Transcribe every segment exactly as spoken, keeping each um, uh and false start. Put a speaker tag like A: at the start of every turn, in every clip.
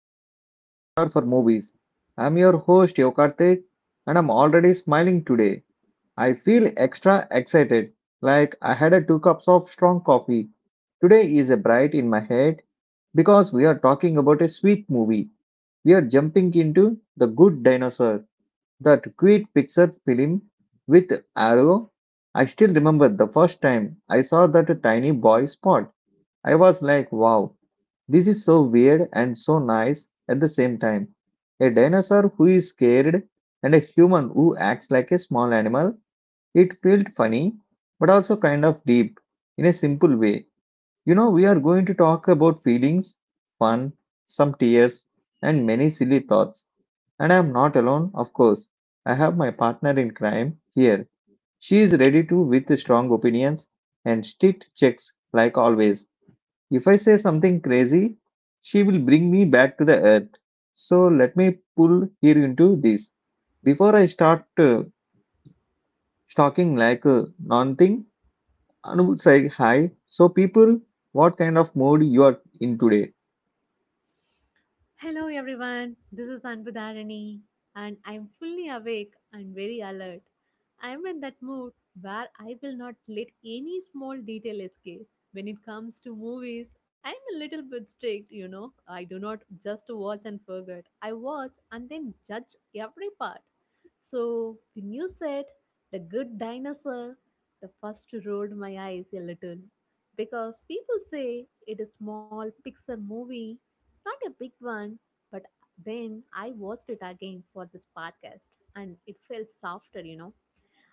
A: your chill corner for movies. I'm your host Yokartik and I'm already smiling today. I feel extra excited, like I had a two cups of strong coffee. Today is a bright in my head because we are talking about a sweet movie. We are jumping into The Good Dinosaur, that great Pixar film with Arrow. I still remember the first time I saw that tiny boy spot. I was like, wow, this is so weird and so nice at the same time. A dinosaur who is scared and a human who acts like a small animal. It felt funny, but also kind of deep in a simple way. You know, we are going to talk about feelings, fun, some tears, and many silly thoughts. And I am not alone, of course. I have my partner in crime here. She is ready to with strong opinions and strict checks like always. If I say something crazy, she will bring me back to the earth. So let me pull here into this. Before I start uh, talking like a non thing, Anu would say hi. So, people, what kind of mood you are in today?
B: Hello everyone, this is Anbudharani and I'm fully awake and very alert. I'm in that mood where I will not let any small detail escape. When it comes to movies, I'm a little bit strict, you know. I do not just watch and forget. I watch and then judge every part. So when you said the good dinosaur, the first rolled my eyes a little because people say it is small pixar movie not a big one, but then I watched it again for this podcast and it felt softer, you know.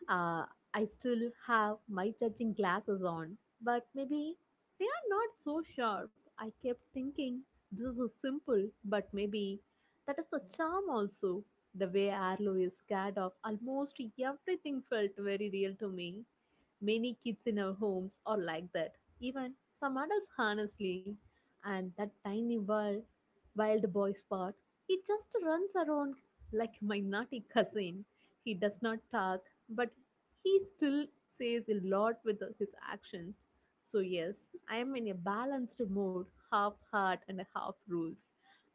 B: Uh, I still have my judging glasses on, but maybe they are not so sharp. I kept thinking this is simple, but maybe that is the charm also. The way Arlo is scared of almost everything felt very real to me. Many kids in our homes are like that, even some adults, honestly. And that tiny wild, wild boy spot, he just runs around like my naughty cousin. He does not talk, but he still says a lot with his actions. So, yes, I am in a balanced mode, half heart and half rules.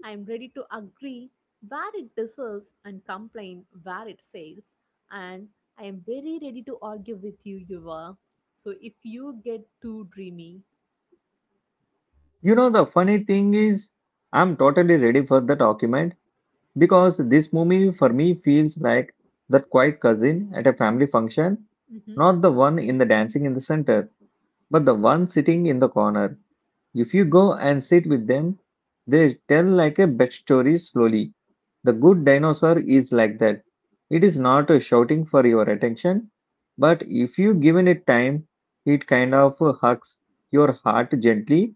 B: I am ready to agree where it deserves and complain where it fails. And I am very ready to argue with you, Yuva. So, if you get too dreamy,
A: You know, the funny thing is, I'm totally ready for the document because this movie for me feels like that quiet cousin at a family function,
B: mm-hmm,
A: not the one in the dancing in the center, but the one sitting in the corner. If you go and sit with them, they tell like a bed story slowly. The good dinosaur is like that. It is not uh, shouting for your attention, but if you given it time, it kind of uh, hugs your heart gently.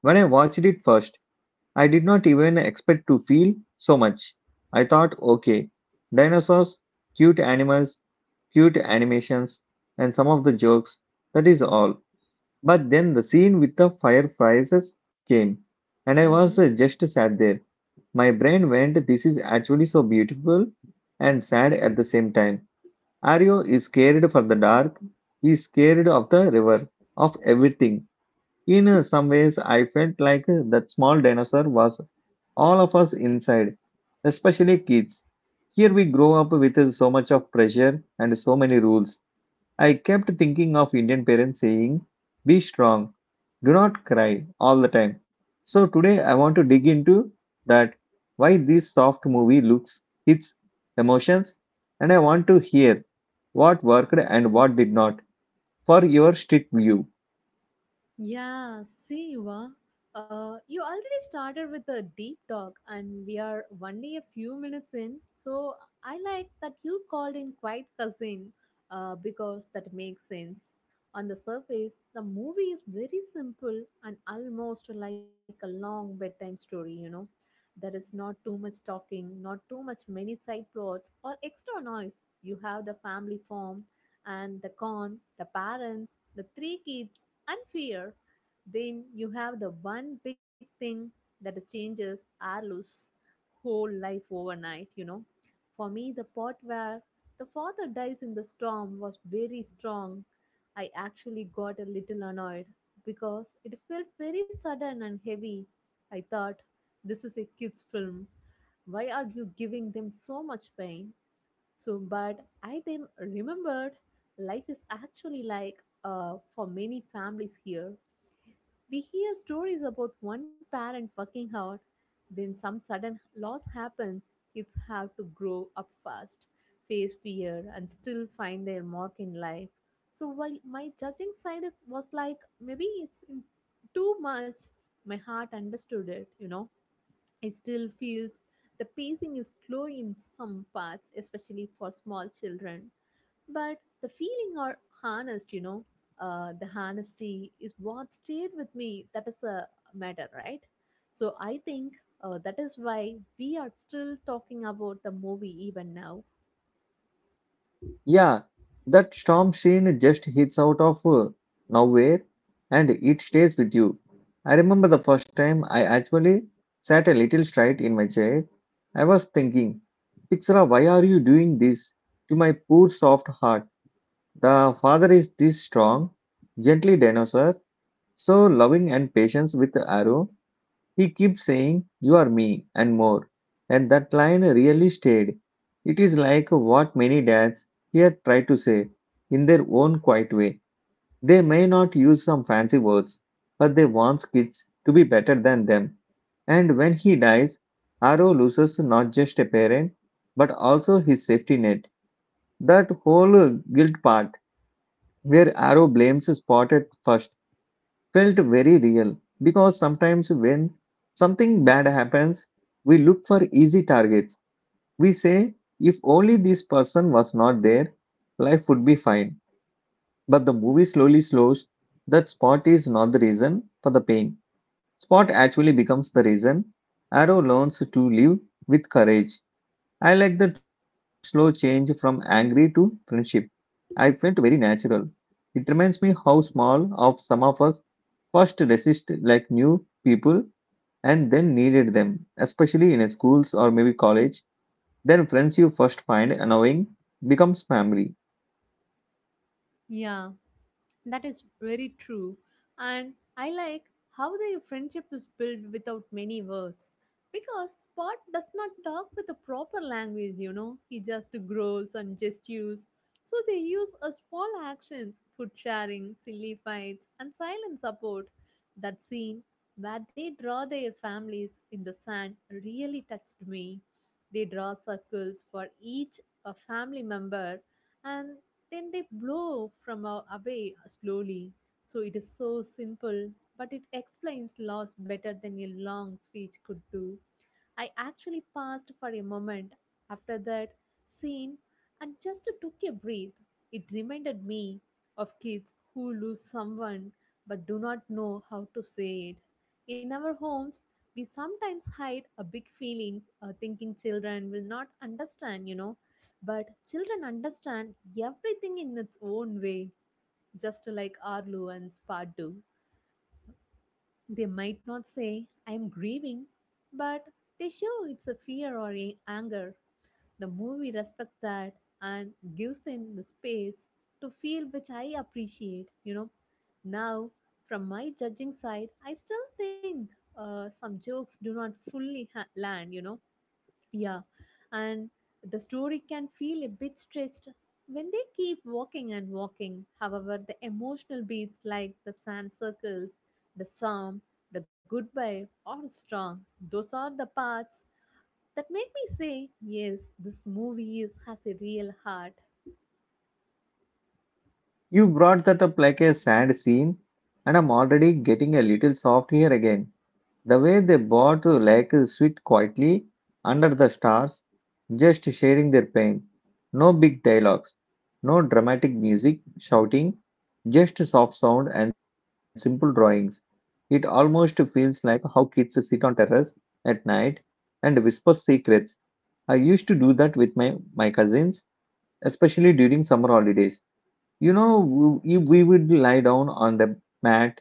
A: When I watched it first, I did not even expect to feel so much. I thought, okay, dinosaurs, cute animals, cute animations, and some of the jokes. That is all. But then the scene with the fireflies came, and I
B: mm-hmm,
A: was uh, just sat there. My brain went, this is actually so beautiful and sad at the same time. Ario is scared for the dark, he is scared of the river, of everything. In uh, some ways, I felt like uh, that small dinosaur was all of us inside, especially kids. Here we grow up with uh, so much of pressure and so many rules. I kept thinking of Indian parents saying, be strong, do not cry all the time. So today I want to dig into that why this soft movie looks, its emotions, and I want to hear what worked and what did not for your street view.
B: Yeah, see, Eva, uh, you already started with a deep talk, and we are only a few minutes in. So I like that you called in quite cousin, uh, because that makes sense. On the surface, the movie is very simple and almost like a long bedtime story. You know, there is not too much talking, not too much many side plots or extra noise. You have the family form and the con, the parents, the three kids and fear, then you have the one big thing that changes Arlo's whole life overnight, you know. For me, the part where the father dies in the storm was very strong. I actually got a little annoyed because it felt very sudden and heavy. I thought, this is a kid's film. Why are you giving them so much pain? So, but I then remembered life is actually like uh, for many families here. We hear stories about one parent working hard, then some sudden loss happens. Kids have to grow up fast, face fear, and still find their mark in life. So, while my judging side is, was like, maybe it's too much, my heart understood it, you know. It still feels the pacing is slow in some parts, especially for small children. But the feeling are harnessed, you know. Uh, the honesty is what stayed with me. That is a matter, right? So I think uh, that is why we are still talking about the movie even now.
A: Yeah, that storm scene just hits out of uh, nowhere and it stays with you. I remember the first time I actually sat a little straight in my chair. I was thinking, Pixar, why are you doing this to my poor soft heart? The father is this strong, gently dinosaur, so loving and patient with the arrow. He keeps saying, you are me and more. And that line really stayed. It is like what many dads here try to say in their own quiet way. They may not use some fancy words, but they want kids to be better than them. And when he dies, Arrow loses not just a parent, but also his safety net. That whole guilt part where Arrow blames Spot at first felt very real because sometimes when something bad happens, we look for easy targets. We say, if only this person was not there, life would be fine. But the movie slowly slows that Spot is not the reason for the pain. Spot actually becomes the reason. Arrow learns to live with courage. I like that slow change from angry to friendship I felt very natural. It reminds me how small of some of us first resist like new people and then needed them, especially in schools or maybe college. Then friends you first find annoying becomes family.
B: Yeah. That is very true. And I like how the friendship is built without many words. Because Spot does not talk with a proper language, you know, he just growls and gestures. So they use a small actions, food sharing, silly fights, and silent support. That scene where they draw their families in the sand really touched me. They draw circles for each a family member and then they blow from a- away slowly. So it is so simple, but it explains loss better than a long speech could do. I actually paused for a moment after that scene and just took a breath. It reminded me of kids who lose someone but do not know how to say it. In our homes, we sometimes hide our big feelings or thinking children will not understand, you know. But children understand everything in its own way, just like Arlu and Spot do. They might not say, I am grieving, but they show it's a fear or a anger. The movie respects that and gives them the space to feel, which I appreciate. You know, now from my judging side, I still think uh, some jokes do not fully ha- land, you know yeah, and the story can feel a bit stretched when they keep walking and walking. However, the emotional beats like the sand circles, the psalm, the goodbye are strong. Those are the parts that make me say, yes, this movie is, has a real heart.
A: You brought that up like a sad scene, and I'm already getting a little soft here again. The way they bought the lake sweet quietly under the stars, just sharing their pain. No big dialogues, no dramatic music, shouting, just soft sound and simple drawings. It almost feels like how kids sit on terrace at night and whisper secrets. I used to do that with my, my cousins, especially during summer holidays. You know, we, we would lie down on the mat,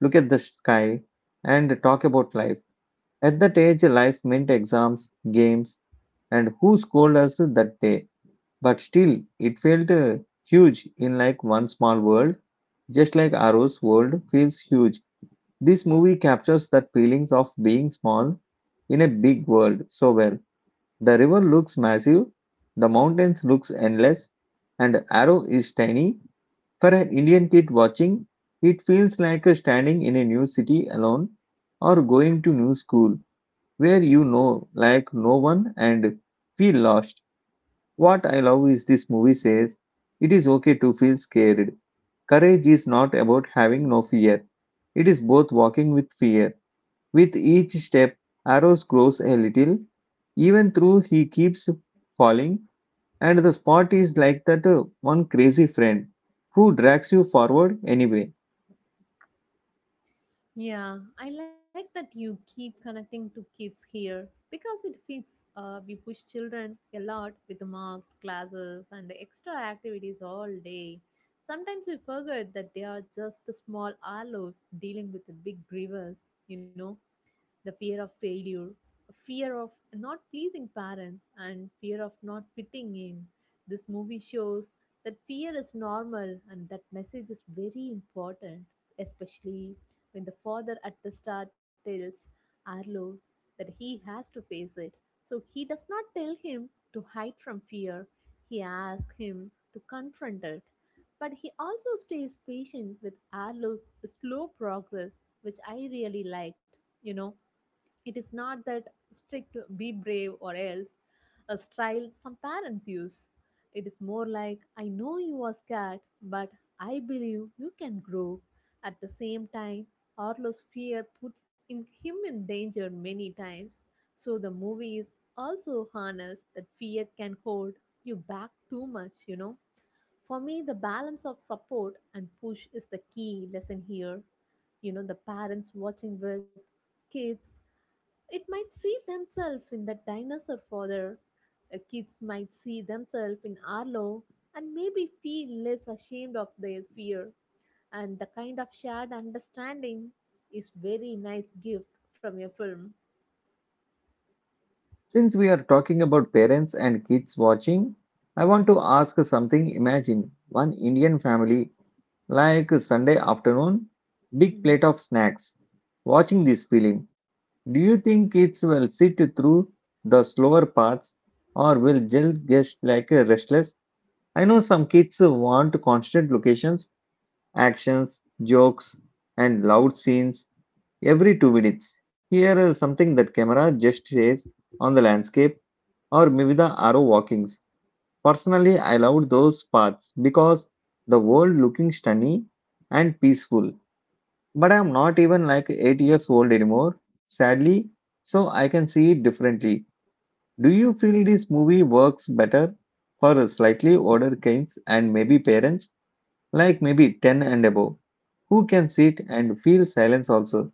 A: look at the sky, and talk about life at that age, life meant exams, games, and who scolded us that day. But still, it felt uh, huge in like one small world, just like Arrow's world feels huge. This movie captures that feelings of being small in a big world so well. The river looks massive, the mountains looks endless, and Arrow is tiny. For an Indian kid watching, it feels like uh, standing in a new city alone or going to new school where you know like no one and feel lost. What I love is this movie says it is okay to feel scared. Courage is not about having no fear. It is both walking with fear. With each step, Arrows grows a little, even though he keeps falling, and the spot is like that uh, one crazy friend who drags you forward anyway.
B: Yeah, I like that you keep connecting to kids here because it fits. Uh, we push children a lot with marks, classes, and extra activities all day. Sometimes we forget that they are just small aloes dealing with the big rivers, you know the fear of failure, a fear of not pleasing parents, and fear of not fitting in. This movie shows that fear is normal and that message is very important, especially when the father at the start tells Arlo that he has to face it. So he does not tell him to hide from fear, he asks him to confront it. But he also stays patient with Arlo's slow progress, which I really liked. You know, it is not that strict be brave or else a style some parents use. It is more like I know you are scared, but I believe you can grow. At the same time, Arlo's fear puts in him in danger many times. So the movie is also honest that fear can hold you back too much, you know. For me, the balance of support and push is the key lesson here you know the parents watching with kids it might see themselves in the dinosaur father. Uh, Kids might see themselves in Arlo and maybe feel less ashamed of their fear. And the kind of shared understanding is very nice gift from your film.
A: Since we are talking about parents and kids watching, I want to ask something. Imagine one Indian family, like Sunday afternoon, big
B: Mm-hmm.
A: plate of snacks, watching this film. Do you think kids will sit through the slower parts or will just get like a restless? I know some kids want constant locations, actions, jokes, and loud scenes every two minutes. Here is something that camera just says on the landscape or maybe the arrow walkings. Personally, I loved those paths because the world looking stunning and peaceful. But I am not even like eight years old anymore, sadly, so I can see it differently. Do you feel this movie works better for slightly older kids and maybe parents, like maybe ten and above, who can sit and feel silence also?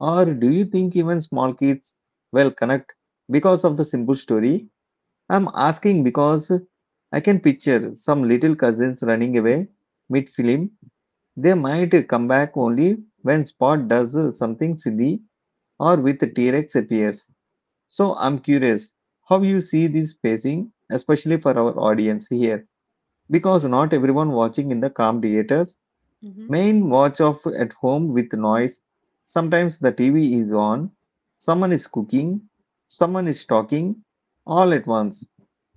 A: Or do you think even small kids will connect because of the simple story? I'm asking because I can picture some little cousins running away mid film. They might come back only when Spot does uh, something silly or with T Rex appears. So I'm curious how you see this pacing, especially for our audience here, because not everyone watching in the calm theaters
B: Mm-hmm.
A: main watch off at home with noise. Sometimes the T V is on, someone is cooking, someone is talking all at once,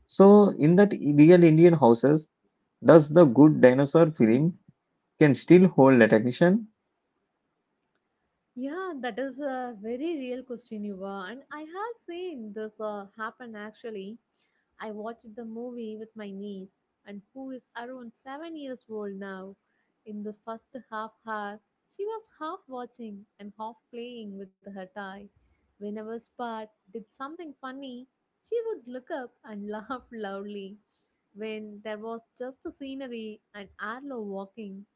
A: so in that real Indian houses, does the good dinosaur film can still hold attention?
B: Yeah, that is a very real question, Yuva. And I have seen this uh, happen actually. I watched the movie with my niece, and who is around seven years old now. In the first half hour, she was half watching and half playing with her toy. Whenever Spot did something funny, she would look up and laugh loudly. When there was just a scenery and Arlo walking,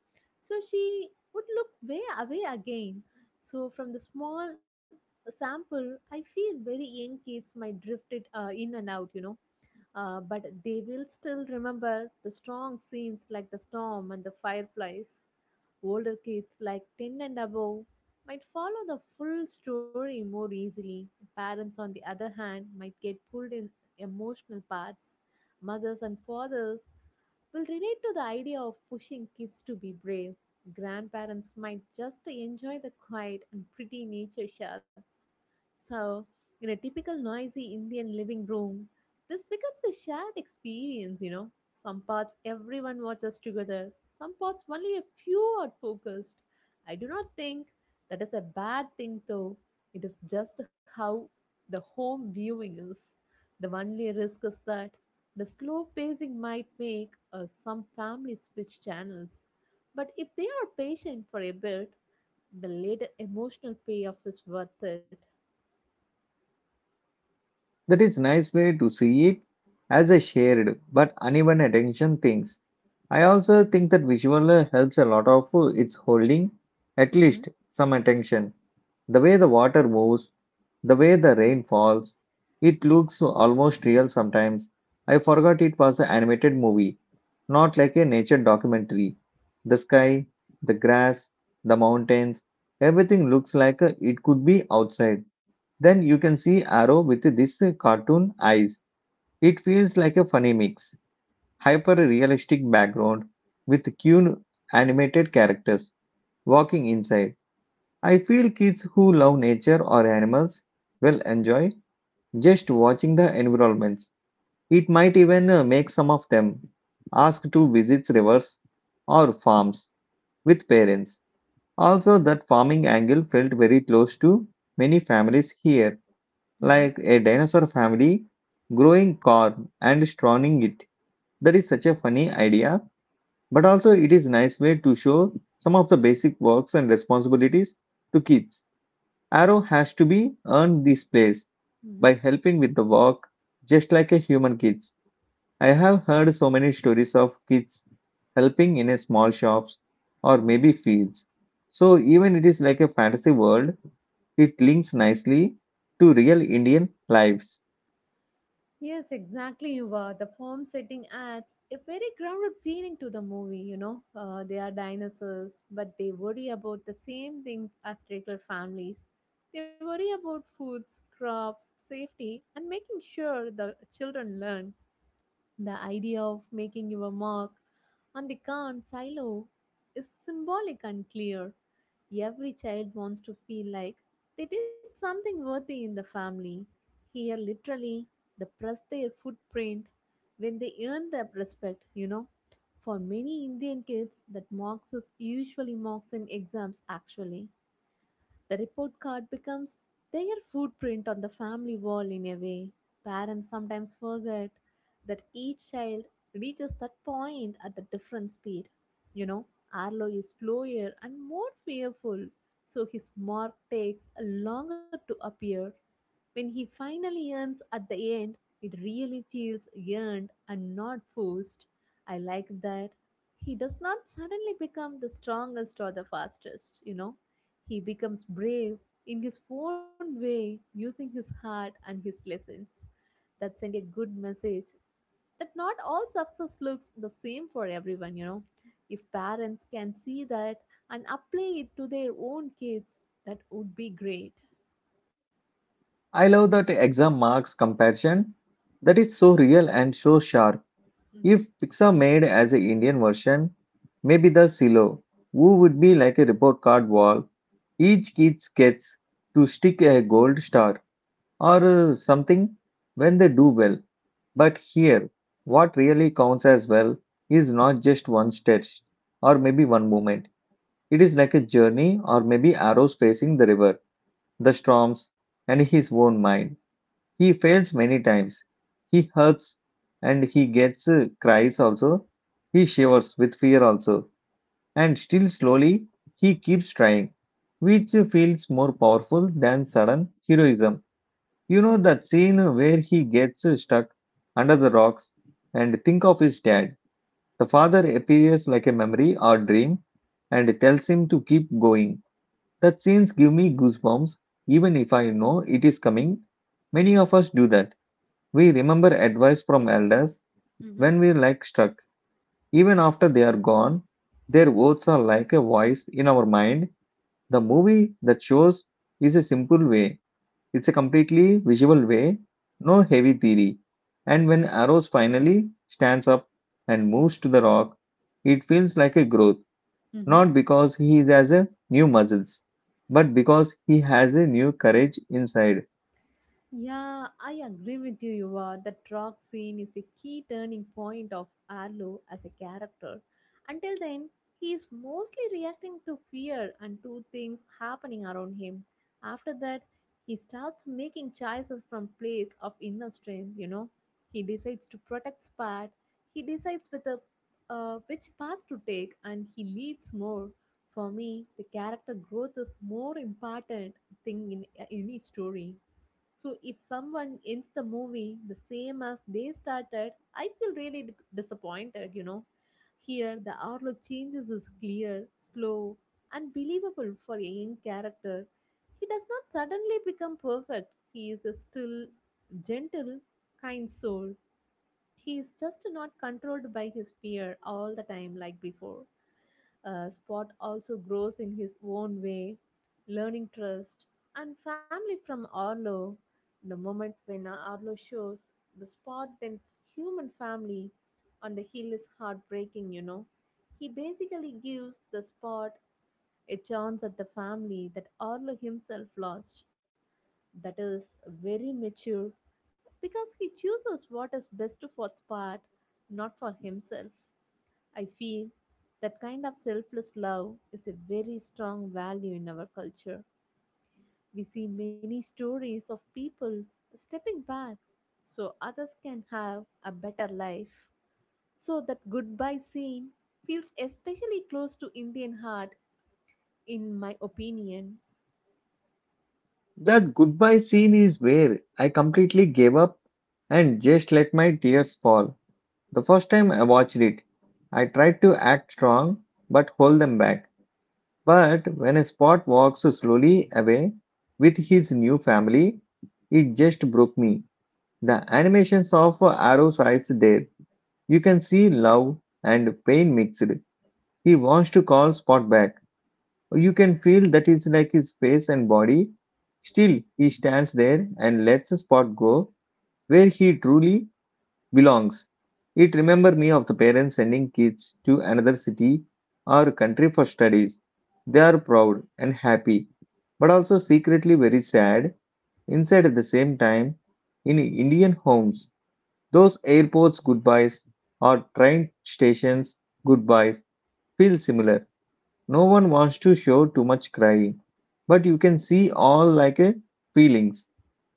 B: so she would look way away again. So from the small sample, I feel very young kids might drift it uh, in and out, you know uh, but they will still remember the strong scenes like the storm and the fireflies. Older kids, like ten and above, might follow the full story more easily. Parents, on the other hand, might get pulled in emotional parts. Mothers and fathers will relate to the idea of pushing kids to be brave. Grandparents might just enjoy the quiet and pretty nature shots. So, in a typical noisy Indian living room, this becomes a shared experience, you know. Some parts everyone watches together, some parts only a few are focused. I do not think that is a bad thing though. It is just how the home viewing is. The only risk is that the slow pacing might make uh, some families switch channels, but if they are patient for a bit, the later emotional payoff is worth it.
A: That is nice way to see it as a shared but uneven attention things. I also think that visual uh, helps a lot of uh, its holding at
B: Mhm.
A: least some attention. The way the water moves, the way the rain falls, it looks almost real sometimes. I forgot it was an animated movie not like a nature documentary. The sky, the grass, the mountains, everything looks like uh, it could be outside. Then you can see Arrow with this uh, cartoon eyes. It feels like a funny mix, hyper realistic background with cute animated characters walking inside. I feel kids who love nature or animals will enjoy just watching the environments. It might even uh, make some of them ask to visit rivers or farms with parents. Also, that farming angle felt very close to many families here,
B: Mhm.
A: like a dinosaur family growing corn and strawning it. That is such a funny idea, but also it is nice way to show some of the basic works and responsibilities to kids. Arrow has to be earned this place
B: Mhm.
A: by helping with the work just like a human kid. I have heard so many stories of kids helping in a small shops or
B: Mhm.
A: maybe fields. So even it is like a fantasy world, it links nicely to real Indian lives.
B: Yes, exactly, Yuva. The form setting adds a very grounded feeling to the movie, you know. Uh, they are dinosaurs, but they worry about the same things as regular families. They worry about foods, crops, safety, and making sure the children learn. The idea of making your mark and the Khan silo is symbolic and clear. Every child wants to feel like they did something worthy in the family. Here, literally, they press their footprint when they earn their respect, you know. For many Indian kids, that marks is usually marks in exams actually. The report card becomes their footprint on the family wall in a way. Parents sometimes forget that each child reaches that point at the different speed. You know, Arlo is slower and more fearful, so his mark takes longer to appear. When he finally earns at the end, it really feels earned and not forced. I like that he does not suddenly become the strongest or the fastest, you know. He becomes brave in his own way using his heart and his lessons. That send a good message that not all success looks the same for everyone, you know. If parents can see that and apply it to their own kids, that would be great.
A: I love that exam marks comparison, that is so real and so sharp.
B: hmm
A: If Pixar made as an Indian version, maybe the silo, who would be like a report card wall, each kid gets to stick a gold star or uh, something when they do well. But here, what really counts as well is not just one stretch or maybe one moment. It is like a journey or maybe arrows facing the river, the storms, and his own mind. He fails many times. He hurts and he gets uh, cries also. He shivers with fear also. And still slowly, he keeps trying, which feels more powerful than sudden heroism. You know that scene where he gets stuck under the rocks and think of his dad. The father appears like a memory or dream and tells him to keep going. That scenes give me goosebumps even if I know it is coming. Many of us do that. We remember advice from elders when we're like stuck. Even after they are gone, their words are like a voice in our mind. The movie that shows is a simple way, it's a completely visual way, no heavy theory. And when Arrows finally stands up and moves to the rock, it feels like a growth,
B: Mm-hmm.
A: not because he has a new muscles, but because he has a new courage inside.
B: Yeah, I agree with you, Yuva. The rock scene is a key turning point of Arlo as a character. Until then, he is mostly reacting to fear and to things happening around him. After that, he starts making choices from place of inner strength, you know. He decides to protect Spat. He decides with a, uh, which path to take and he leads more. For me, the character growth is more important thing in in any story. So if someone ends the movie the same as they started, I feel really d- disappointed, you know. Here, the outlook changes is clear, slow, and believable for a young character. He does not suddenly become perfect. He is a still gentle, kind soul. He is just not controlled by his fear all the time like before. Uh, Spot also grows in his own way, learning trust and family from Arlo. The moment when uh, Arlo shows the Spot, then human family on the hill is heartbreaking, you know. He basically gives the Spot a chance at the family that Arlo himself lost, that is very mature because he chooses what is best for Spot, not for himself. I feel that kind of selfless love is a very strong value in our culture. We see many stories of people stepping back so others can have a better life. So that goodbye scene feels especially close to Indian heart, in my opinion.
A: That goodbye scene is where I completely gave up and just let my tears fall. The first time I watched it, I tried to act strong but hold them back. But when a Spot walks slowly away with his new family, it just broke me. The animations of Arrow's eyes there. You can see love and pain mixed. He wants to call Spot back. You can feel that is like his face and body. Still, he stands there and lets Spot go where he truly belongs. It remembered me of the parents sending kids to another city or country for studies. They are proud and happy, but also secretly very sad. Inside at the same time, in Indian homes, those airports goodbyes or train stations goodbyes feel similar. No one wants to show too much crying, but you can see all like a feelings.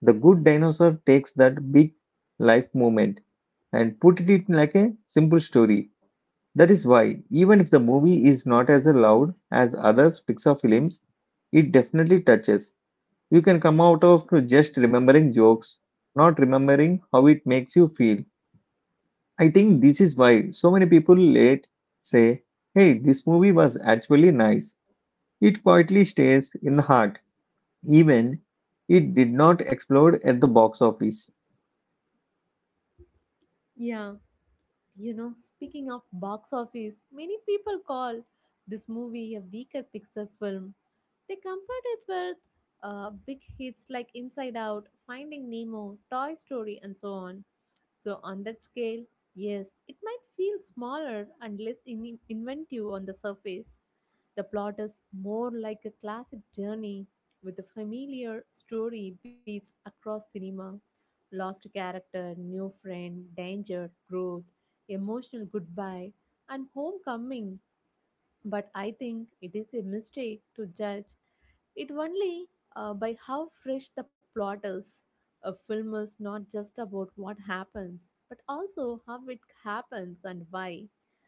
A: The good dinosaur takes that big life moment and put it in like a simple story. That is why, even if the movie is not as loud as other Pixar films, it definitely touches. You can come out of to just remembering jokes, not remembering how it makes you feel. I think this is why so many people late say, hey, this movie was actually nice, it quietly stays in the heart, even it did not explode at the box office.
B: Yeah. You know, speaking of box office, many people call this movie a weaker Pixar film. They compared it with uh, big hits like Inside Out, Finding Nemo, Toy Story, and so on. So, on that scale, yes, it might feel smaller and less in- inventive on the surface. The plot is more like a classic journey with a familiar story beats across cinema: lost character, new friend, danger, growth, emotional goodbye, and homecoming. But I think it is a mistake to judge it only uh, by how fresh the plot is. A film is not just about what happens, but also how it happens and why.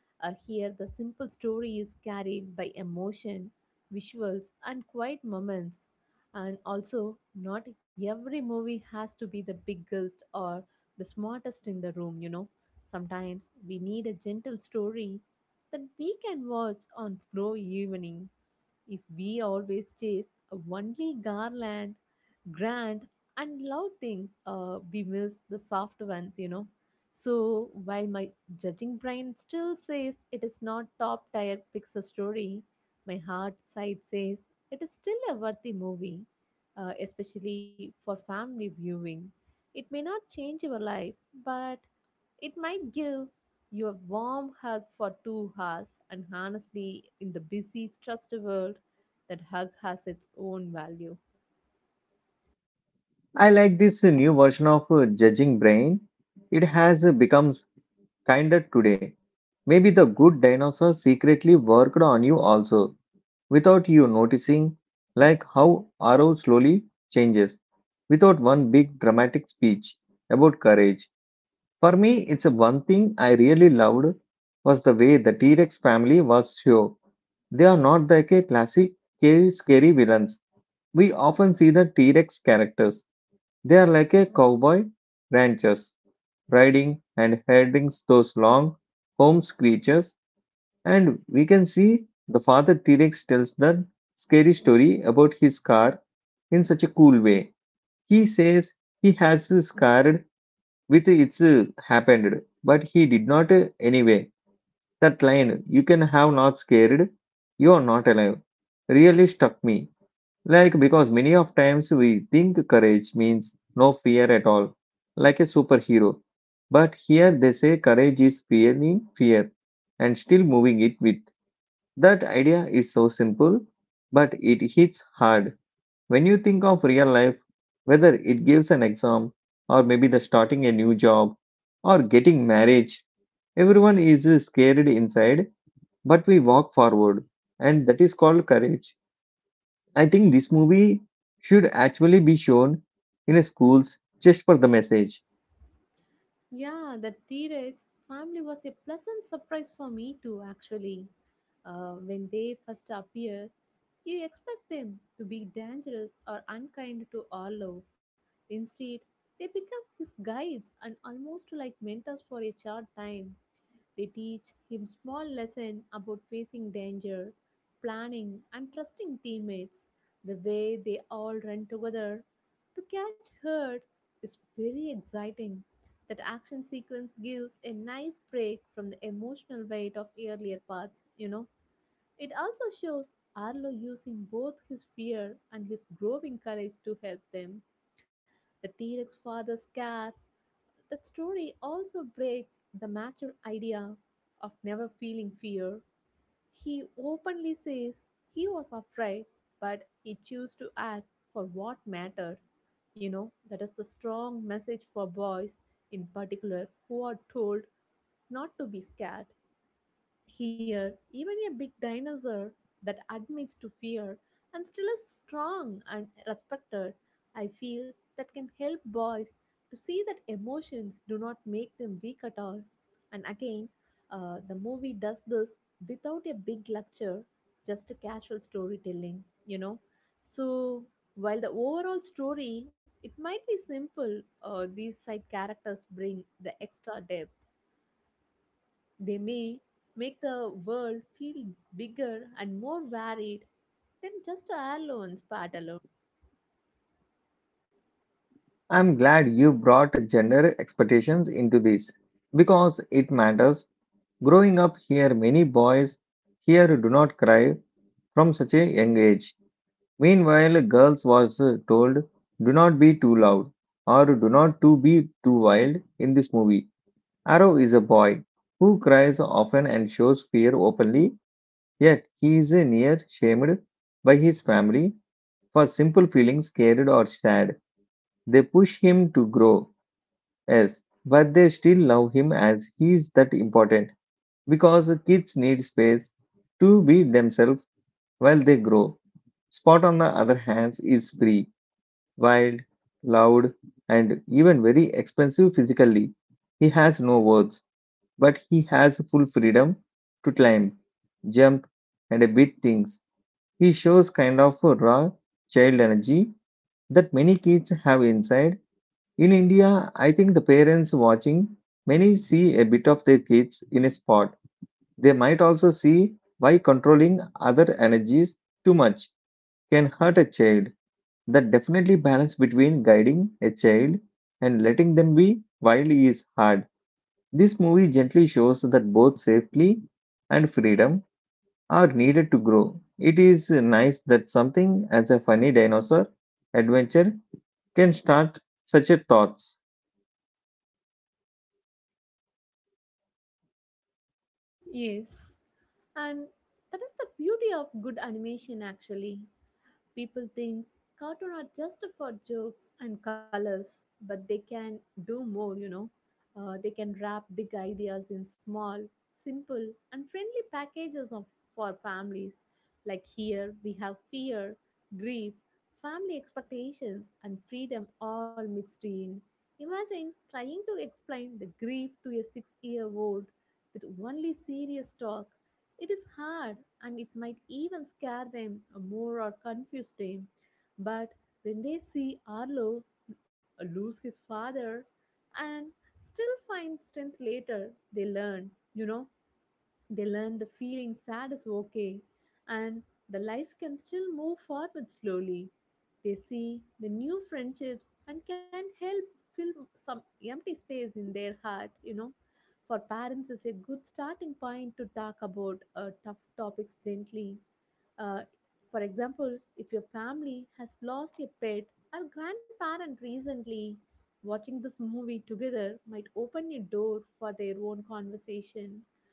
B: Uh, here, the simple story is carried by emotion, visuals, and quiet moments. And also, not every movie has to be the biggest or the smartest in the room, you know. Sometimes we need a gentle story that we can watch on slow evening. If we always chase only garland, grand, and loud things, uh, we miss the soft ones, you know. So while my judging brain still says it is not top tier Pixar story, my heart side says it is still a worthy movie, uh, especially for family viewing. It may not change your life, but it might give you a warm hug for two hours, and honestly, in the busy, stressed world, that hug has its own value.
A: I like this new version of uh, Judging Brain. It has uh, become kinder today. Maybe the good dinosaur secretly worked on you also, without you noticing, like how Arrow slowly changes, without one big dramatic speech about courage. For me, it's a one thing I really loved was the way the T-Rex family was shown. They are not like a classic ca- scary villains. We often see the T-Rex characters. They are like a cowboy ranchers, riding and herding those long home creatures. And we can see the father T-Rex tells the scary story about his car in such a cool way. He says he has his car with it's uh, happened but he did not uh, anyway that line you can have not scared you are not alive really struck me like because many of times we think courage means no fear at all like a superhero but here they say courage is fearing fear and still moving it with that idea is so simple but it hits hard when you think of real life, whether it gives an exam or maybe the starting a new job or getting marriage, everyone is scared inside, but we walk forward, and that is called courage. I think this movie should actually be shown in schools just for the message.
B: Yeah, the T Rex family was a pleasant surprise for me too, actually. Uh, when they first appear, you expect them to be dangerous or unkind to Arlo. Instead, they become his guides and almost like mentors for a short time. They teach him small lesson about facing danger, planning and trusting teammates. The way they all run together to catch herd is very exciting. That action sequence gives a nice break from the emotional weight of earlier parts, you know. It also shows Arlo using both his fear and his growing courage to help them. The T Rex father's care, that story also breaks the mature idea of never feeling fear. He openly says he was afraid, but he chose to act for what mattered. You know, that is the strong message for boys in particular who are told not to be scared. Here, even a big dinosaur that admits to fear, and still is strong and respected. I feel that can help boys to see that emotions do not make them weak at all. And again, uh, the movie does this without a big lecture, just a casual storytelling, you know. So, while the overall story it might be simple, uh, these side characters bring the extra depth. They may make the world feel bigger and more varied than just a airline's part alone.
A: I'm glad you brought gender expectations into this because it matters. Growing up here, many boys here do not cry from such a young age. Meanwhile, girls was uh, told, "Do not be too loud" or "Do not to be too wild." In this movie, Arrow is a boy who cries often and shows fear openly. Yet he is uh, near shamed by his family for simple feelings scared or sad. They push him to grow, yes, but they still love him as he is, that important because kids need space to be themselves while they grow. Spot on the other hand is free wild, loud, and even very expensive physically. He has no words, but he has full freedom to climb, jump, and beat things. He shows kind of a raw child energy that many kids have inside. In India, I think the parents watching many see a bit of their kids in a spot. They might also see why controlling other energies too much can hurt a child. That definitely balance between guiding a child and letting them be wild is hard. This movie gently shows that both safety and freedom are needed to grow. It is nice that something as a funny dinosaur adventure can start such a thoughts.
B: Yes, and that is the beauty of good animation actually. People think cartoon are just for jokes and colors, but they can do more, you know. Uh, they can wrap big ideas in small, simple, and friendly packages of, for families. Like here, we have fear, grief, family expectations, and freedom all mixed in. Imagine trying to explain the grief to a six year old with only serious talk. It is hard and it might even scare them more or confuse them. But when they see Arlo lose his father and still find strength later, they learn, you know, they learn the feeling sad is okay and the life can still move forward slowly. They see the new friendships and can help fill some empty space in their heart, you know. For parents, is a good starting point to talk about uh, tough topics gently. Uh, for example, if your family has lost a pet or grandparent recently, watching this movie together might open a door for their own conversation.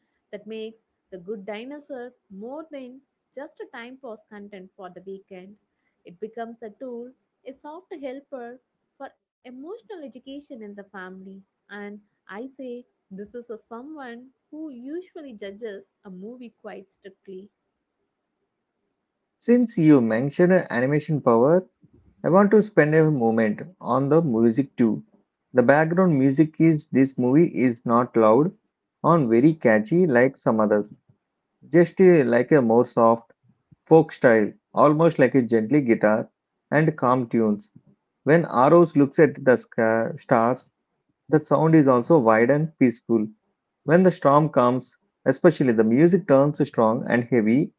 B: That makes The Good Dinosaur more than just a time pass content for the weekend. It becomes a tool, a soft helper for emotional education in the family. And I say this is a someone who usually judges a movie quite strictly.
A: Since you mentioned animation power, I want to spend a moment on the music too. The background music is this movie is not loud on very catchy like some others, just uh, like a more soft folk style, almost like a gently guitar and calm tunes. When Aros looks at the sca- stars, the sound is also wide and peaceful. When the storm comes, especially the music turns strong and heavy,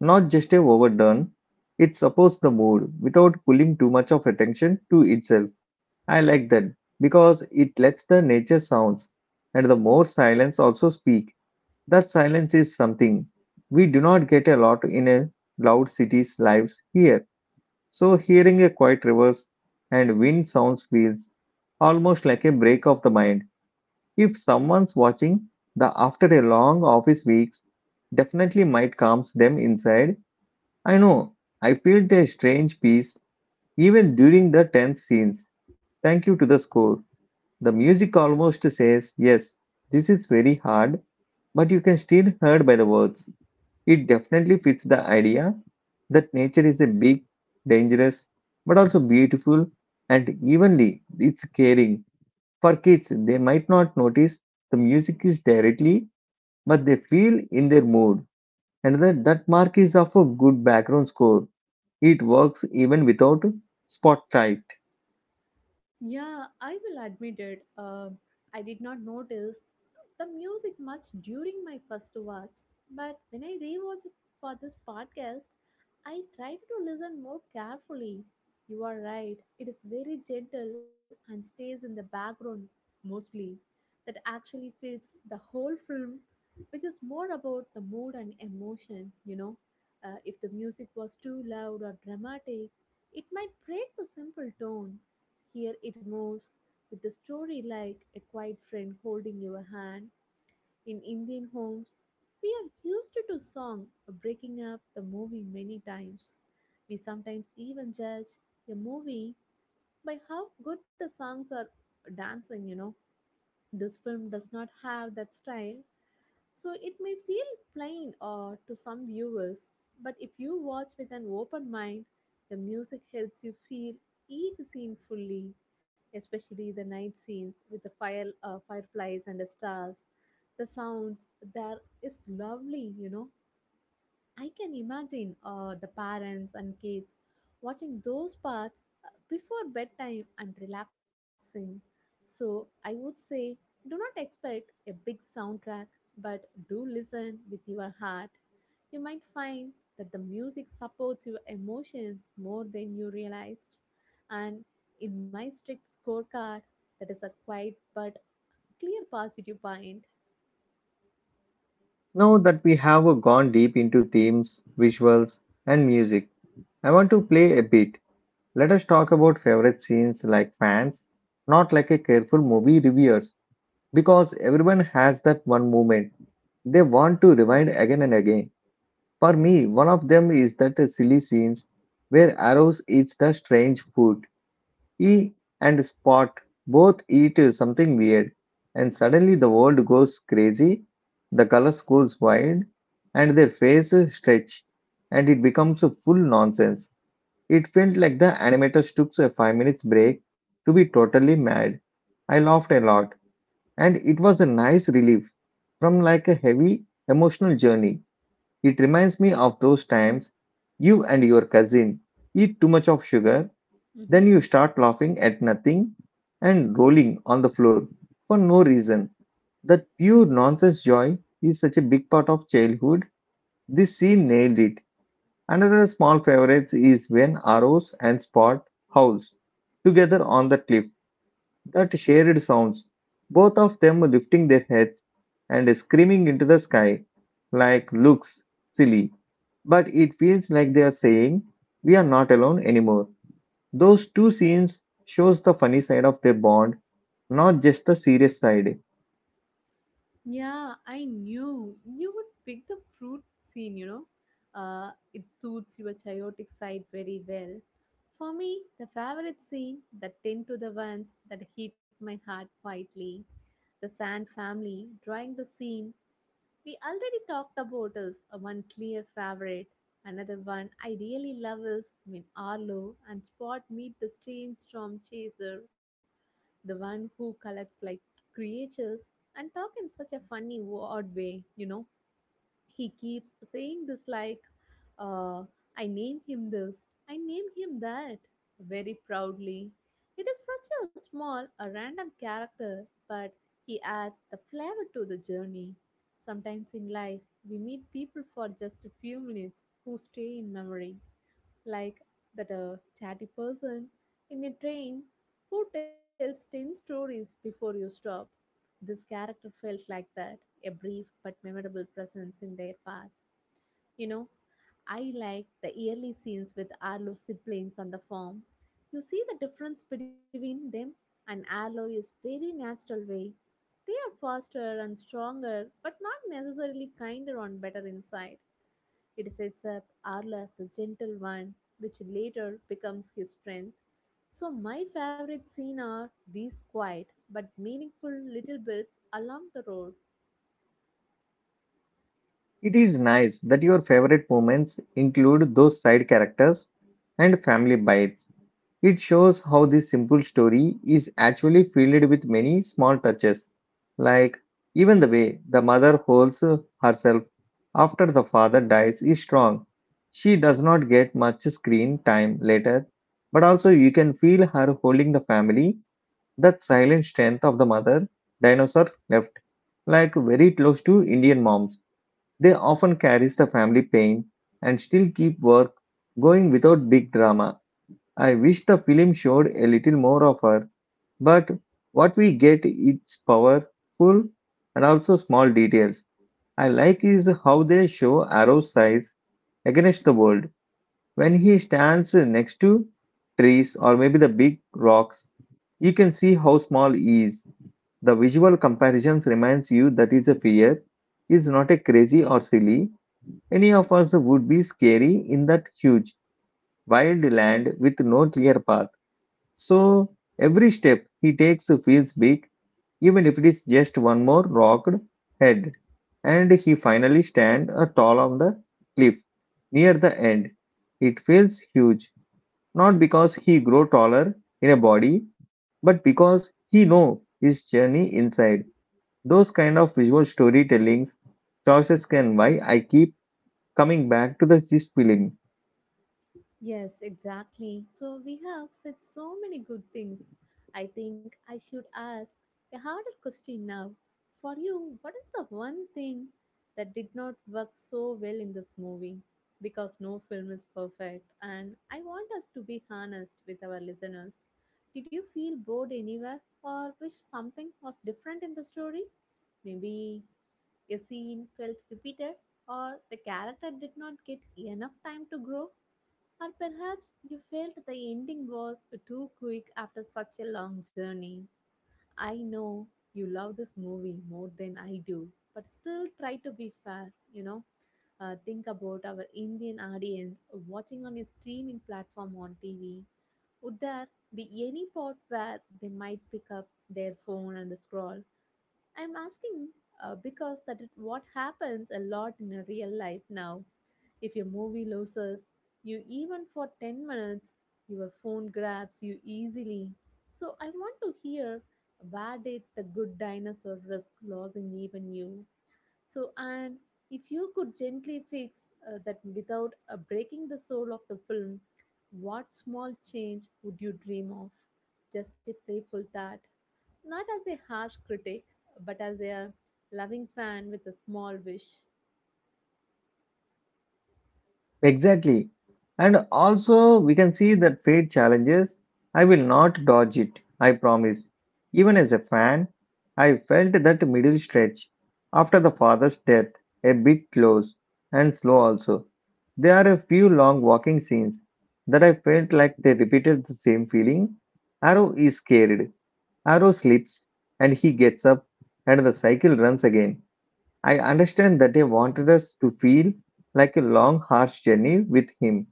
A: not just a overdone. It supports the mood without pulling too much of attention to itself. I like that because it lets the nature sounds and the more silence also speak, that silence is something we do not get a lot in a loud city's lives here. So hearing a quiet rivers and wind sounds feels almost like a break of the mind. If someone's watching the after a long office weeks, definitely might calms them inside. I know. I felt a strange peace even during the tense scenes. Thank you to the score. The music almost says, yes, this is very hard, but you can still heard by the words. It definitely fits the idea that nature is a big, dangerous, but also beautiful and evenly it's caring. For kids, they might not notice the music is directly, but they feel in their mood, and that, that mark is of a good background score. It works even without spotlight.
B: Yeah, I will admit it. Um, I did not notice the music much during my first watch, but when I rewatched it for this podcast, I tried to listen more carefully. You are right, it is very gentle and stays in the background mostly. That actually fits the whole film, which is more about the mood and emotion, you know. Uh, if the music was too loud or dramatic, it might break the simple tone. Here it moves with the story like a quiet friend holding your hand. In Indian homes, we are used to do song breaking up the movie many times. We sometimes even judge a movie by how good the songs are dancing, you know. This film does not have that style, so it may feel plain uh, to some viewers, but if you watch with an open mind, the music helps you feel each scene fully, especially the night scenes with the fire, uh, fireflies and the stars. The sounds there is lovely, you know. I can imagine uh, the parents and kids watching those parts uh, before bedtime and relaxing. So I would say do not expect a big soundtrack, but do listen with your heart. You might find that the music supports your emotions more than you realized. And in my strict scorecard, that is a quiet but clear positive point.
A: Now that we have gone deep into themes, visuals, and music, I want to play a bit. Let us talk about favorite scenes like fans, not like a careful movie reviewers, because everyone has that one moment they want to rewind again and again. For me, one of them is that silly scenes where Arrows eats the strange food. He and Spot both eat something weird, and suddenly the world goes crazy, the colors goes wild, and their faces stretch, and it becomes a full nonsense. It felt like the animators took a five minutes break to be totally mad. I laughed a lot, and it was a nice relief from like a heavy emotional journey. It reminds me of those times you and your cousin eat too much of sugar, then you start laughing at nothing and rolling on the floor for no reason. That pure nonsense joy is such a big part of childhood. This scene nailed it. Another small favorite is when Arrows and Spot howls together on the cliff. That shared sounds, both of them lifting their heads and screaming into the sky, like looks silly, but it feels like they are saying, "We are not alone anymore." Those two scenes shows the funny side of their bond, not just the serious side.
B: Yeah, I knew you would pick the fruit scene, you know. Uh, it suits your chaotic side very well. For me, the favorite scene, that ten to the ones that hit my heart quietly, the Sand family drawing the scene. We already talked about is a one clear favorite. Another one I really love is when Arlo and Spot meet the strange storm chaser, the one who collects like creatures and talk in such a funny odd way, you know. He keeps saying this like, uh, I named him this, I named him that, very proudly. It is such a small a random character, but he adds the flavor to the journey. Sometimes in life we meet people for just a few minutes who stay in memory, like that a chatty person in a train who tells ten stories before you stop. This character felt like that, a brief but memorable presence in their path. You know, I like the early scenes with Arlo siblings on the farm. You see the difference between them and Arlo is very natural way. They are faster and stronger, but not necessarily kinder and better inside. It sets up Arla, as the gentle one, which later becomes his strength. So, my favorite scene are these quiet but meaningful little bits along the road.
A: It is nice that your favorite moments include those side characters and family bites. It shows how this simple story is actually filled with many small touches, like even the way the mother holds herself after the father dies is strong. She does not get much screen time later, but also you can feel her holding the family, that silent strength of the mother dinosaur left, like very close to Indian moms. They often carries the family pain and still keep work going without big drama. I wish the film showed a little more of her, but what we get is powerful and also small details. I like is how they show Arrow's size against the world. When he stands next to trees or maybe the big rocks, you can see how small he is. The visual comparisons reminds you that is a fear is not a crazy or silly. Any of us would be scary in that huge, wild land with no clear path. So every step he takes feels big, even if it is just one more rocked head. And he finally stands tall on the cliff near the end. It feels huge, not because he grow taller in a body, but because he know his journey inside. Those kind of visual storytellings choices can why I keep coming back to the, this film.
B: Yes, exactly. So we have said so many good things. I think I should ask a harder question now. For you, what is the one thing that did not work so well in this movie? Because no film is perfect, and I want us to be honest with our listeners. Did you feel bored anywhere or wish something was different in the story? Maybe a scene felt repeated or the character did not get enough time to grow? Or perhaps you felt the ending was too quick after such a long journey. I know you love this movie more than I do, but still try to be fair, you know. Uh, think about our Indian audience watching on a streaming platform on T V. Would there be any part where they might pick up their phone and scroll? I'm asking uh, because that is what happens a lot in a real life now. If a movie loses you even for ten minutes, your phone grabs you easily. So I want to hear, where did the good dinosaur risk losing even you? So, and if you could gently fix uh, that without uh, breaking the soul of the film, what small change would you dream of? Just a playful thought, not as a harsh critic, but as a loving fan with a small wish.
A: Exactly. And also, we can see that fate challenges. I will not dodge it, I promise. Even as a fan, I felt that middle stretch after the father's death a bit close and slow also. There are a few long walking scenes that I felt like they repeated the same feeling. Arrow is scared, Arrow slips, and he gets up, and the cycle runs again. I understand that they wanted us to feel like a long, harsh journey with him,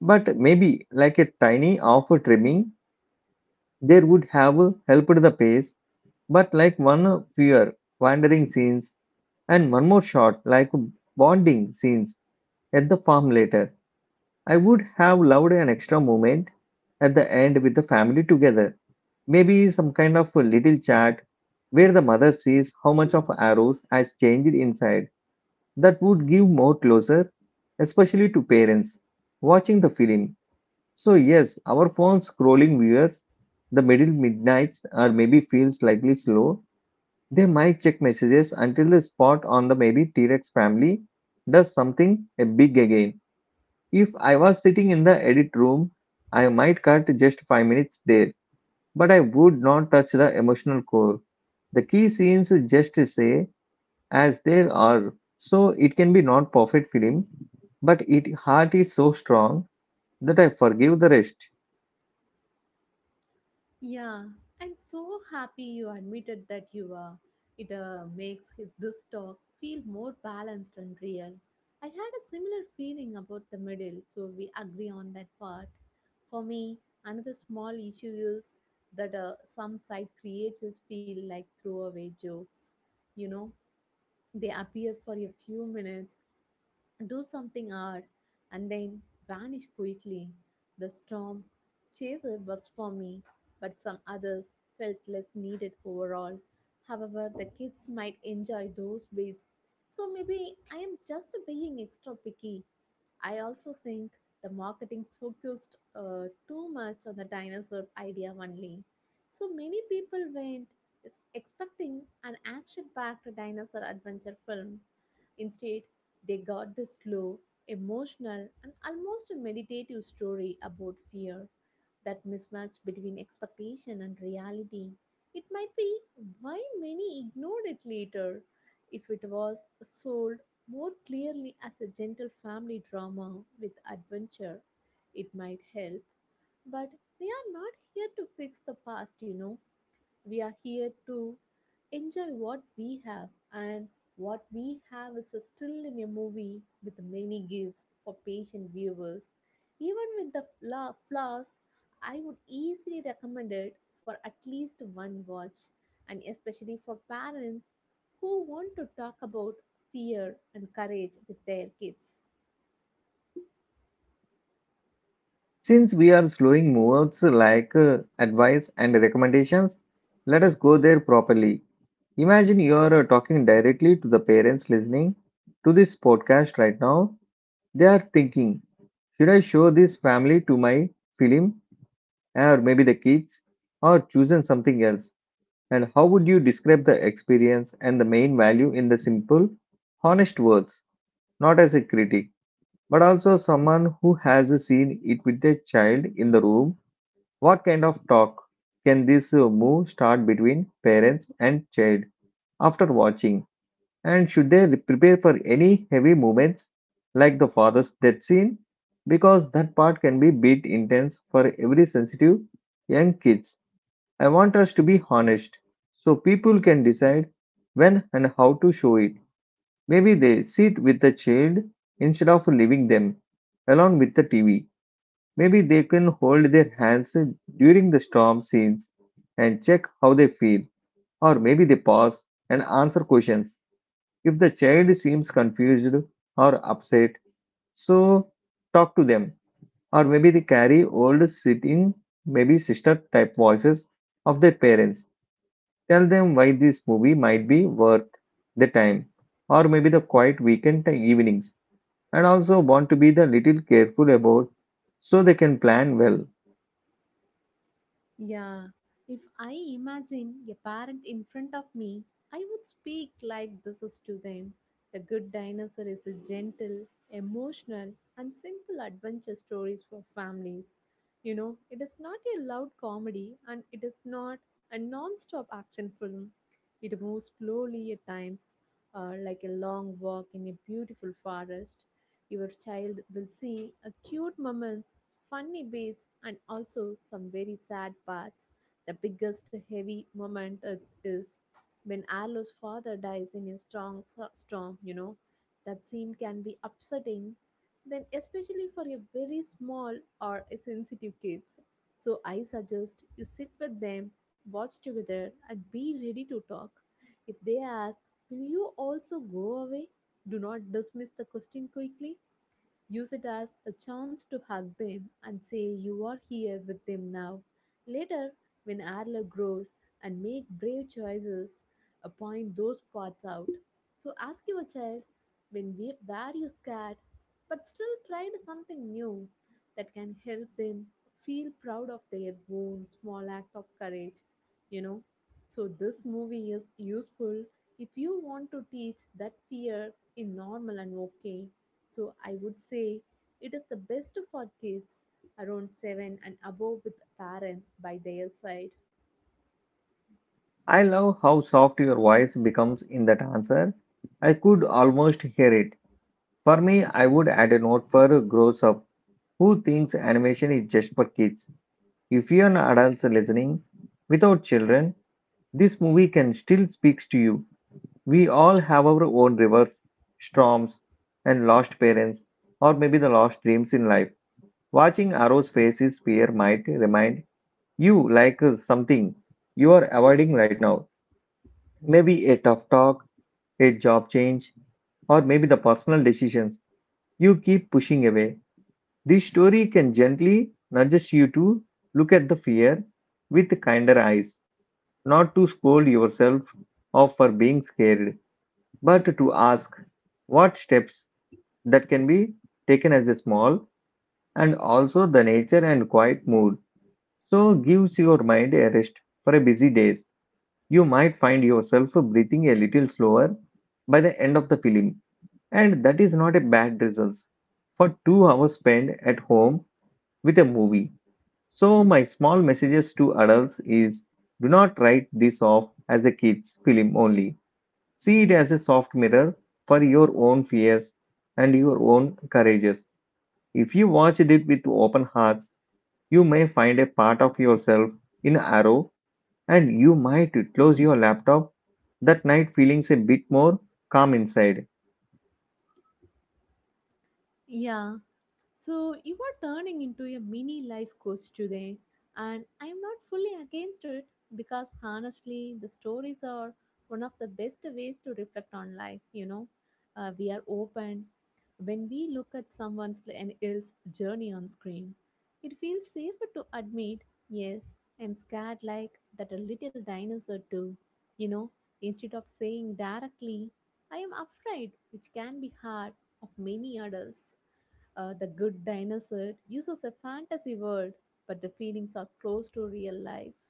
A: but maybe like a tiny off trimming, there would have helped the pace. But like one fear, wandering scenes, and one more shot, like bonding scenes at the farm later, I would have loved an extra moment at the end with the family together. Maybe some kind of a little chat where the mother sees how much of arrows has changed inside that would give more closure, especially to parents watching the film. So, yes, our phone scrolling viewers, the middle midnights, or maybe feel slightly slow. They might check messages until the spot on the maybe T Rex family does something a big again. If I was sitting in the edit room, I might cut just five minutes there, but I would not touch the emotional core. The key scenes just say as there are. So it can be not perfect film, but it heart is so strong that I forgive the rest.
B: Yeah, I'm so happy you admitted that you are. It uh, makes hi- this talk feel more balanced and real. I had a similar feeling about the middle, so we agree on that part. For me, another small issue is that uh, some side creators feel like throwaway jokes. You know, they appear for a few minutes do something odd, and then vanish quickly. The storm chaser works for me, but some others felt less needed overall. However, the kids might enjoy those bits, so maybe I am just being extra picky. I also think the marketing focused uh, too much on the dinosaur idea only. So many people went is expecting an action packed dinosaur adventure film. Instead, they got this slow, emotional, and almost a meditative story about fear. That mismatch between expectation and reality. It might be why many ignored it later if it was sold more clearly as a gentle family drama with adventure. It might help, but we are not here to fix the past, you know. We are here to enjoy what we have, and what we have is still in a movie with many gifts for patient viewers. Even with the fla- flaws, I would easily recommend it for at least one watch, and especially for parents who want to talk about fear and courage with their kids.
A: Since we are slowing moves like uh, advice and recommendations, let us go there properly. Imagine you are uh, talking directly to the parents listening to this podcast right now. They are thinking, should I show this family to my film or maybe the kids or choosing something else? And how would you describe the experience and the main value in the simple, honest words, not as a critic, but also someone who has seen it with a child in the room? What kind of talk can this uh, move start between parents and child after watching? And should they re- prepare for any heavy moments like the father's death scene? Because that part can be bit intense for every sensitive young kids. I want us to be honest so people can decide when and how to show it. Maybe they sit with the child instead of leaving them along with the T V. Maybe they can hold their hands during the storm scenes and check how they feel. Or maybe they pause and answer questions. If the child seems confused or upset, so talk to them. Or maybe they carry old sitting, maybe sister type voices of their parents. Tell them why this movie might be worth the time or maybe the quiet weekend evenings and also want to be the little careful about so they can plan well.
B: Yeah, if I imagine a parent in front of me, I would speak like this is to them. The Good Dinosaur is a gentle, emotional, and simple adventure stories for families. You know, it is not a loud comedy and it is not a non-stop action film. It moves slowly at times, uh, like a long walk in a beautiful forest. Your child will see a cute moments funny bits and also some very sad parts. The biggest heavy moment i- is when Arlo's father dies in a strong s- storm, you know. That scene can be upsetting, then especially for a very small or a sensitive kids. So I suggest you sit with them, watch together and be ready to talk. If they ask, will you also go away? Do not dismiss the question quickly. Use it as a chance to hug them and say you are here with them now. Later, when Arla grows and make brave choices, uh, point those parts out. So ask your child when we were you scared, but still tried something new that can help them feel proud of their own small act of courage. You know, so this movie is useful if you want to teach that fear is normal and okay so I would say it is the best for kids around seven and above with parents by their side.
A: I love how soft your voice becomes in that answer. I could almost hear it. For me, I would add a note for a grown up who thinks animation is just for kids. If you're an adult listening without children, this movie can still speaks to you. We all have our own rivers, storms, and lost parents, or maybe the lost dreams in life. Watching Arrow's faces fear might remind you like uh, something you are avoiding right now. Maybe a tough talk, a job change, or maybe the personal decisions you keep pushing away. This story can gently nudge you to look at the fear with kinder eyes, not to scold yourself off for being scared, but to ask what steps that can be taken as a small. And also the nature and quiet mood so gives your mind a rest for a busy days. You might find yourself breathing a little slower by the end of the film, and that is not a bad result for two hours spent at home with a movie. So my small messages to adults is, do not write this off as a kids film only. See it as a soft mirror for your own fears and your own courage. If you watched it with open hearts, you may find a part of yourself in Arrow, and you might close your laptop that night feeling a bit more calm inside.
B: Yeah, so you are turning into a mini life coach today, and I'm not fully against it because honestly, the stories are one of the best ways to reflect on life. You know, uh, we are open when we look at someone's and else journey on screen. It feels safer to admit, yes, I'm scared like that a little dinosaur too. You know, instead of saying directly, I am afraid, which can be hard of many adults. Uh, the good dinosaur uses a fantasy world, but the feelings are close to real life.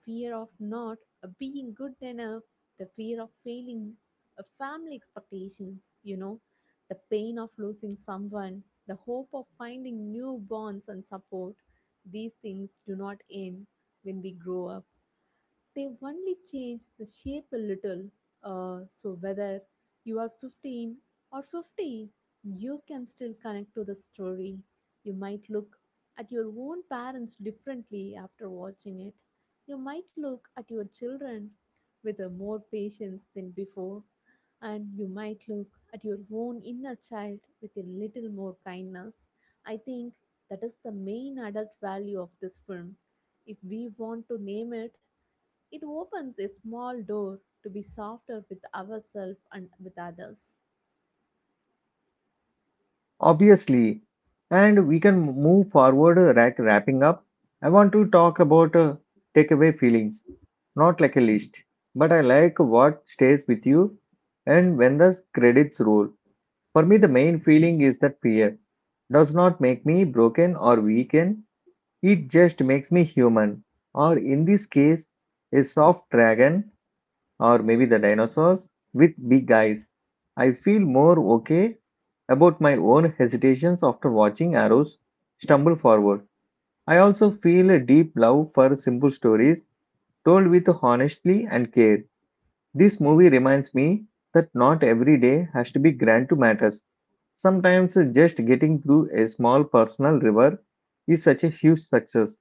B: The fear of not uh, being good enough, the fear of failing, uh, family expectations, you know, the pain of losing someone, the hope of finding new bonds and support. These things do not end when we grow up they only change the shape a little. Uh, so whether you are fifteen or fifty, you can still connect to the story. You might look at your own parents differently after watching it. You might look at your children with a more patience than before, and you might look at your own inner child with a little more kindness. I think that is the main adult value of this film. If we want to name it, it opens a small door to be softer with ourselves and with others.
A: Obviously, and we can move forward uh, rack- wrapping up. I want to talk about uh, takeaway feelings, not like a list, but I like what stays with you and when the credits roll. For me, the main feeling is that fear does not make me broken or weaken. It just makes me human, or in this case, a soft dragon, or maybe the dinosaurs with big eyes. I feel more okay about my own hesitations after watching arrows stumble forward. I also feel a deep love for simple stories told with honesty and care. This movie reminds me that not every day has to be grand to matter. Sometimes just getting through a small personal river is such a huge success.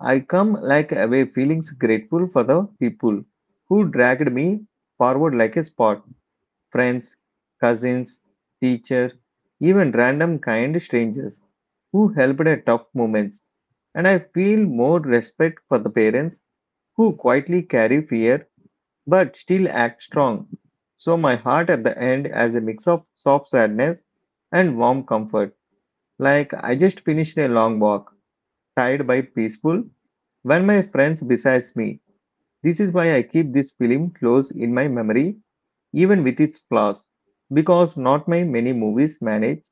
A: I come like away feelings grateful for the people who dragged me forward like a spot. Friends, cousins, teacher, even random kind strangers who helped at tough moments. And I feel more respect for the parents who quietly carry fear but still act strong. So my heart at the end has a mix of soft sadness and warm comfort. Like I just finished a long walk tired by peaceful when my friends besides me. This is why I keep this film close in my memory, even with its flaws, because not my many movies manage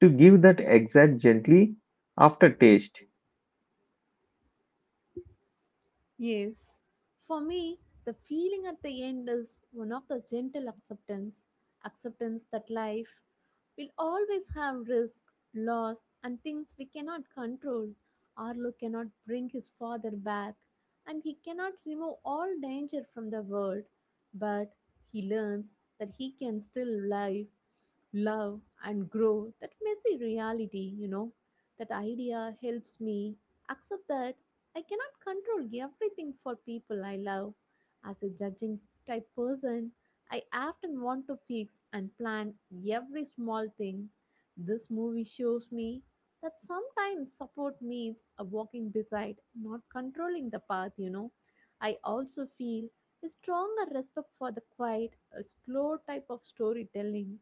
A: to give that exact gently aftertaste.
B: Yes, for me, the feeling at the end is one of the gentle acceptance, acceptance that life will always have risk, loss, and things we cannot control. Arlo cannot bring his father back, and he cannot remove all danger from the world, but he learns that he can still live love and grow that messy reality, you know. That idea helps me accept that I cannot control everything for people I love. As a judging type person, I often want to fix and plan every small thing. This movie shows me that sometimes support means a walking beside, not controlling the path, you know. I also feel a stronger respect for the quiet, a slow type of storytelling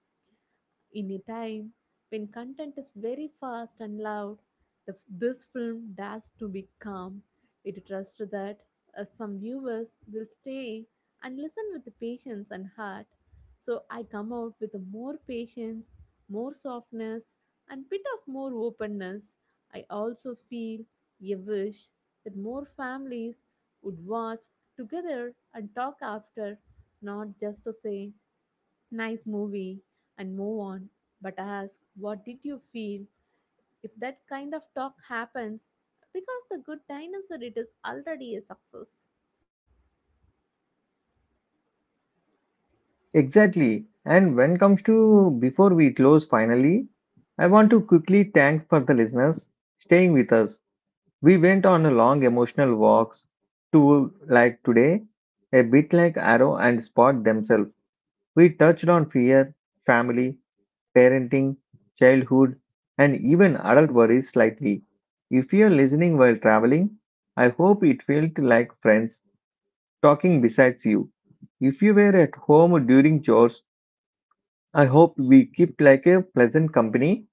B: in a time when content is very fast and loud, the, f- this film dares to be calm. It trusts that uh, some viewers will stay and listen with patience and heart. So I come out with more patience, more softness, and bit of more openness. I also feel a wish that more families would watch together and talk after, not just to say nice movie and move on but ask what did you feel if that kind of talk happens because the good dinosaur it is already a success.
A: Exactly. And when comes to before we close finally, I want to quickly thank for the listeners staying with us. We went on a long emotional walks to like today, a bit like Arrow and Spot themselves. We touched on fear, family, parenting, childhood, and even adult worries slightly. If you're listening while traveling, I hope it felt like friends talking besides you. If you were at home during chores, I hope we kept like a pleasant company.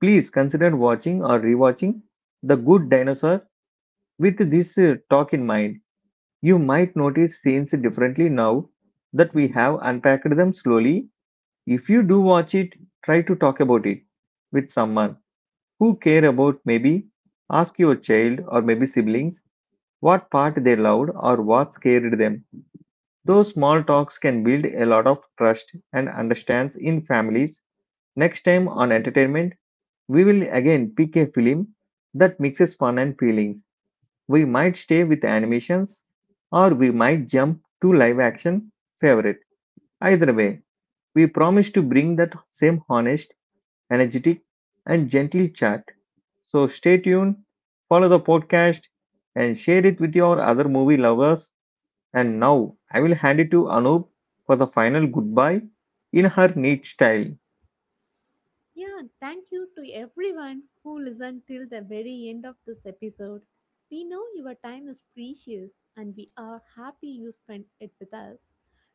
A: Please consider watching or rewatching The Good Dinosaur with this uh, talk in mind. You might notice scenes differently now that we have unpacked them slowly. If you do watch it, try to talk about it with someone who care about, maybe ask your child or maybe siblings what part they loved or what scared them. Those small talks can build a lot of trust and understands in families. Next time on entertainment, we will again pick a film that mixes fun and feelings. We might stay with animations or we might jump to live action favorite. Either way, we promise to bring that same honest energetic, and gentle chat. So stay tuned, follow the podcast, and share it with your other movie lovers. And now I will hand it to Anup for the final goodbye in her neat style.
B: Yeah, thank you to everyone who listened till the very end of this episode. We know your time is precious and we are happy you spent it with us.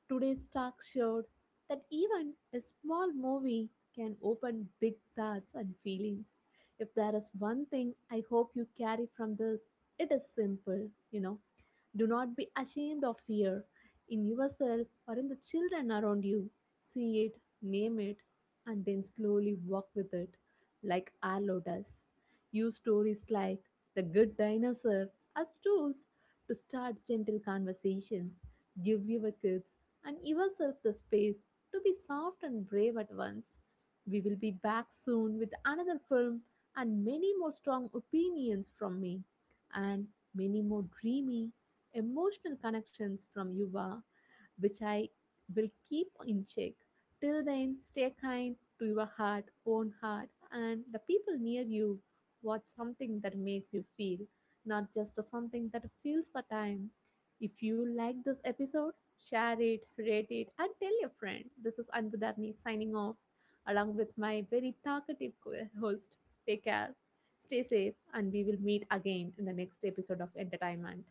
B: Today's talk showed that even a small movie can open big thoughts and feelings. If there is one thing I hope you carry from this, it is simple, you know do not be ashamed of fear in yourself or in the children around you. See it, name it, and then slowly walk with it, like Arlo does. Use stories like The Good Dinosaur as tools to start gentle conversations. Give your kids and yourself the space to be soft and brave at once. We will be back soon with another film and many more strong opinions from me and many more dreamy emotional connections from Yuva, which I will keep in check. Till then, stay kind to your heart, own heart, and the people near you. Watch something that makes you feel, not just something that fills the time. If you like this episode, share it, rate it, and tell your friend. This is Anbudarni signing off along with my very talkative co- host. Take care, stay safe, and we will meet again in the next episode of Entertainment.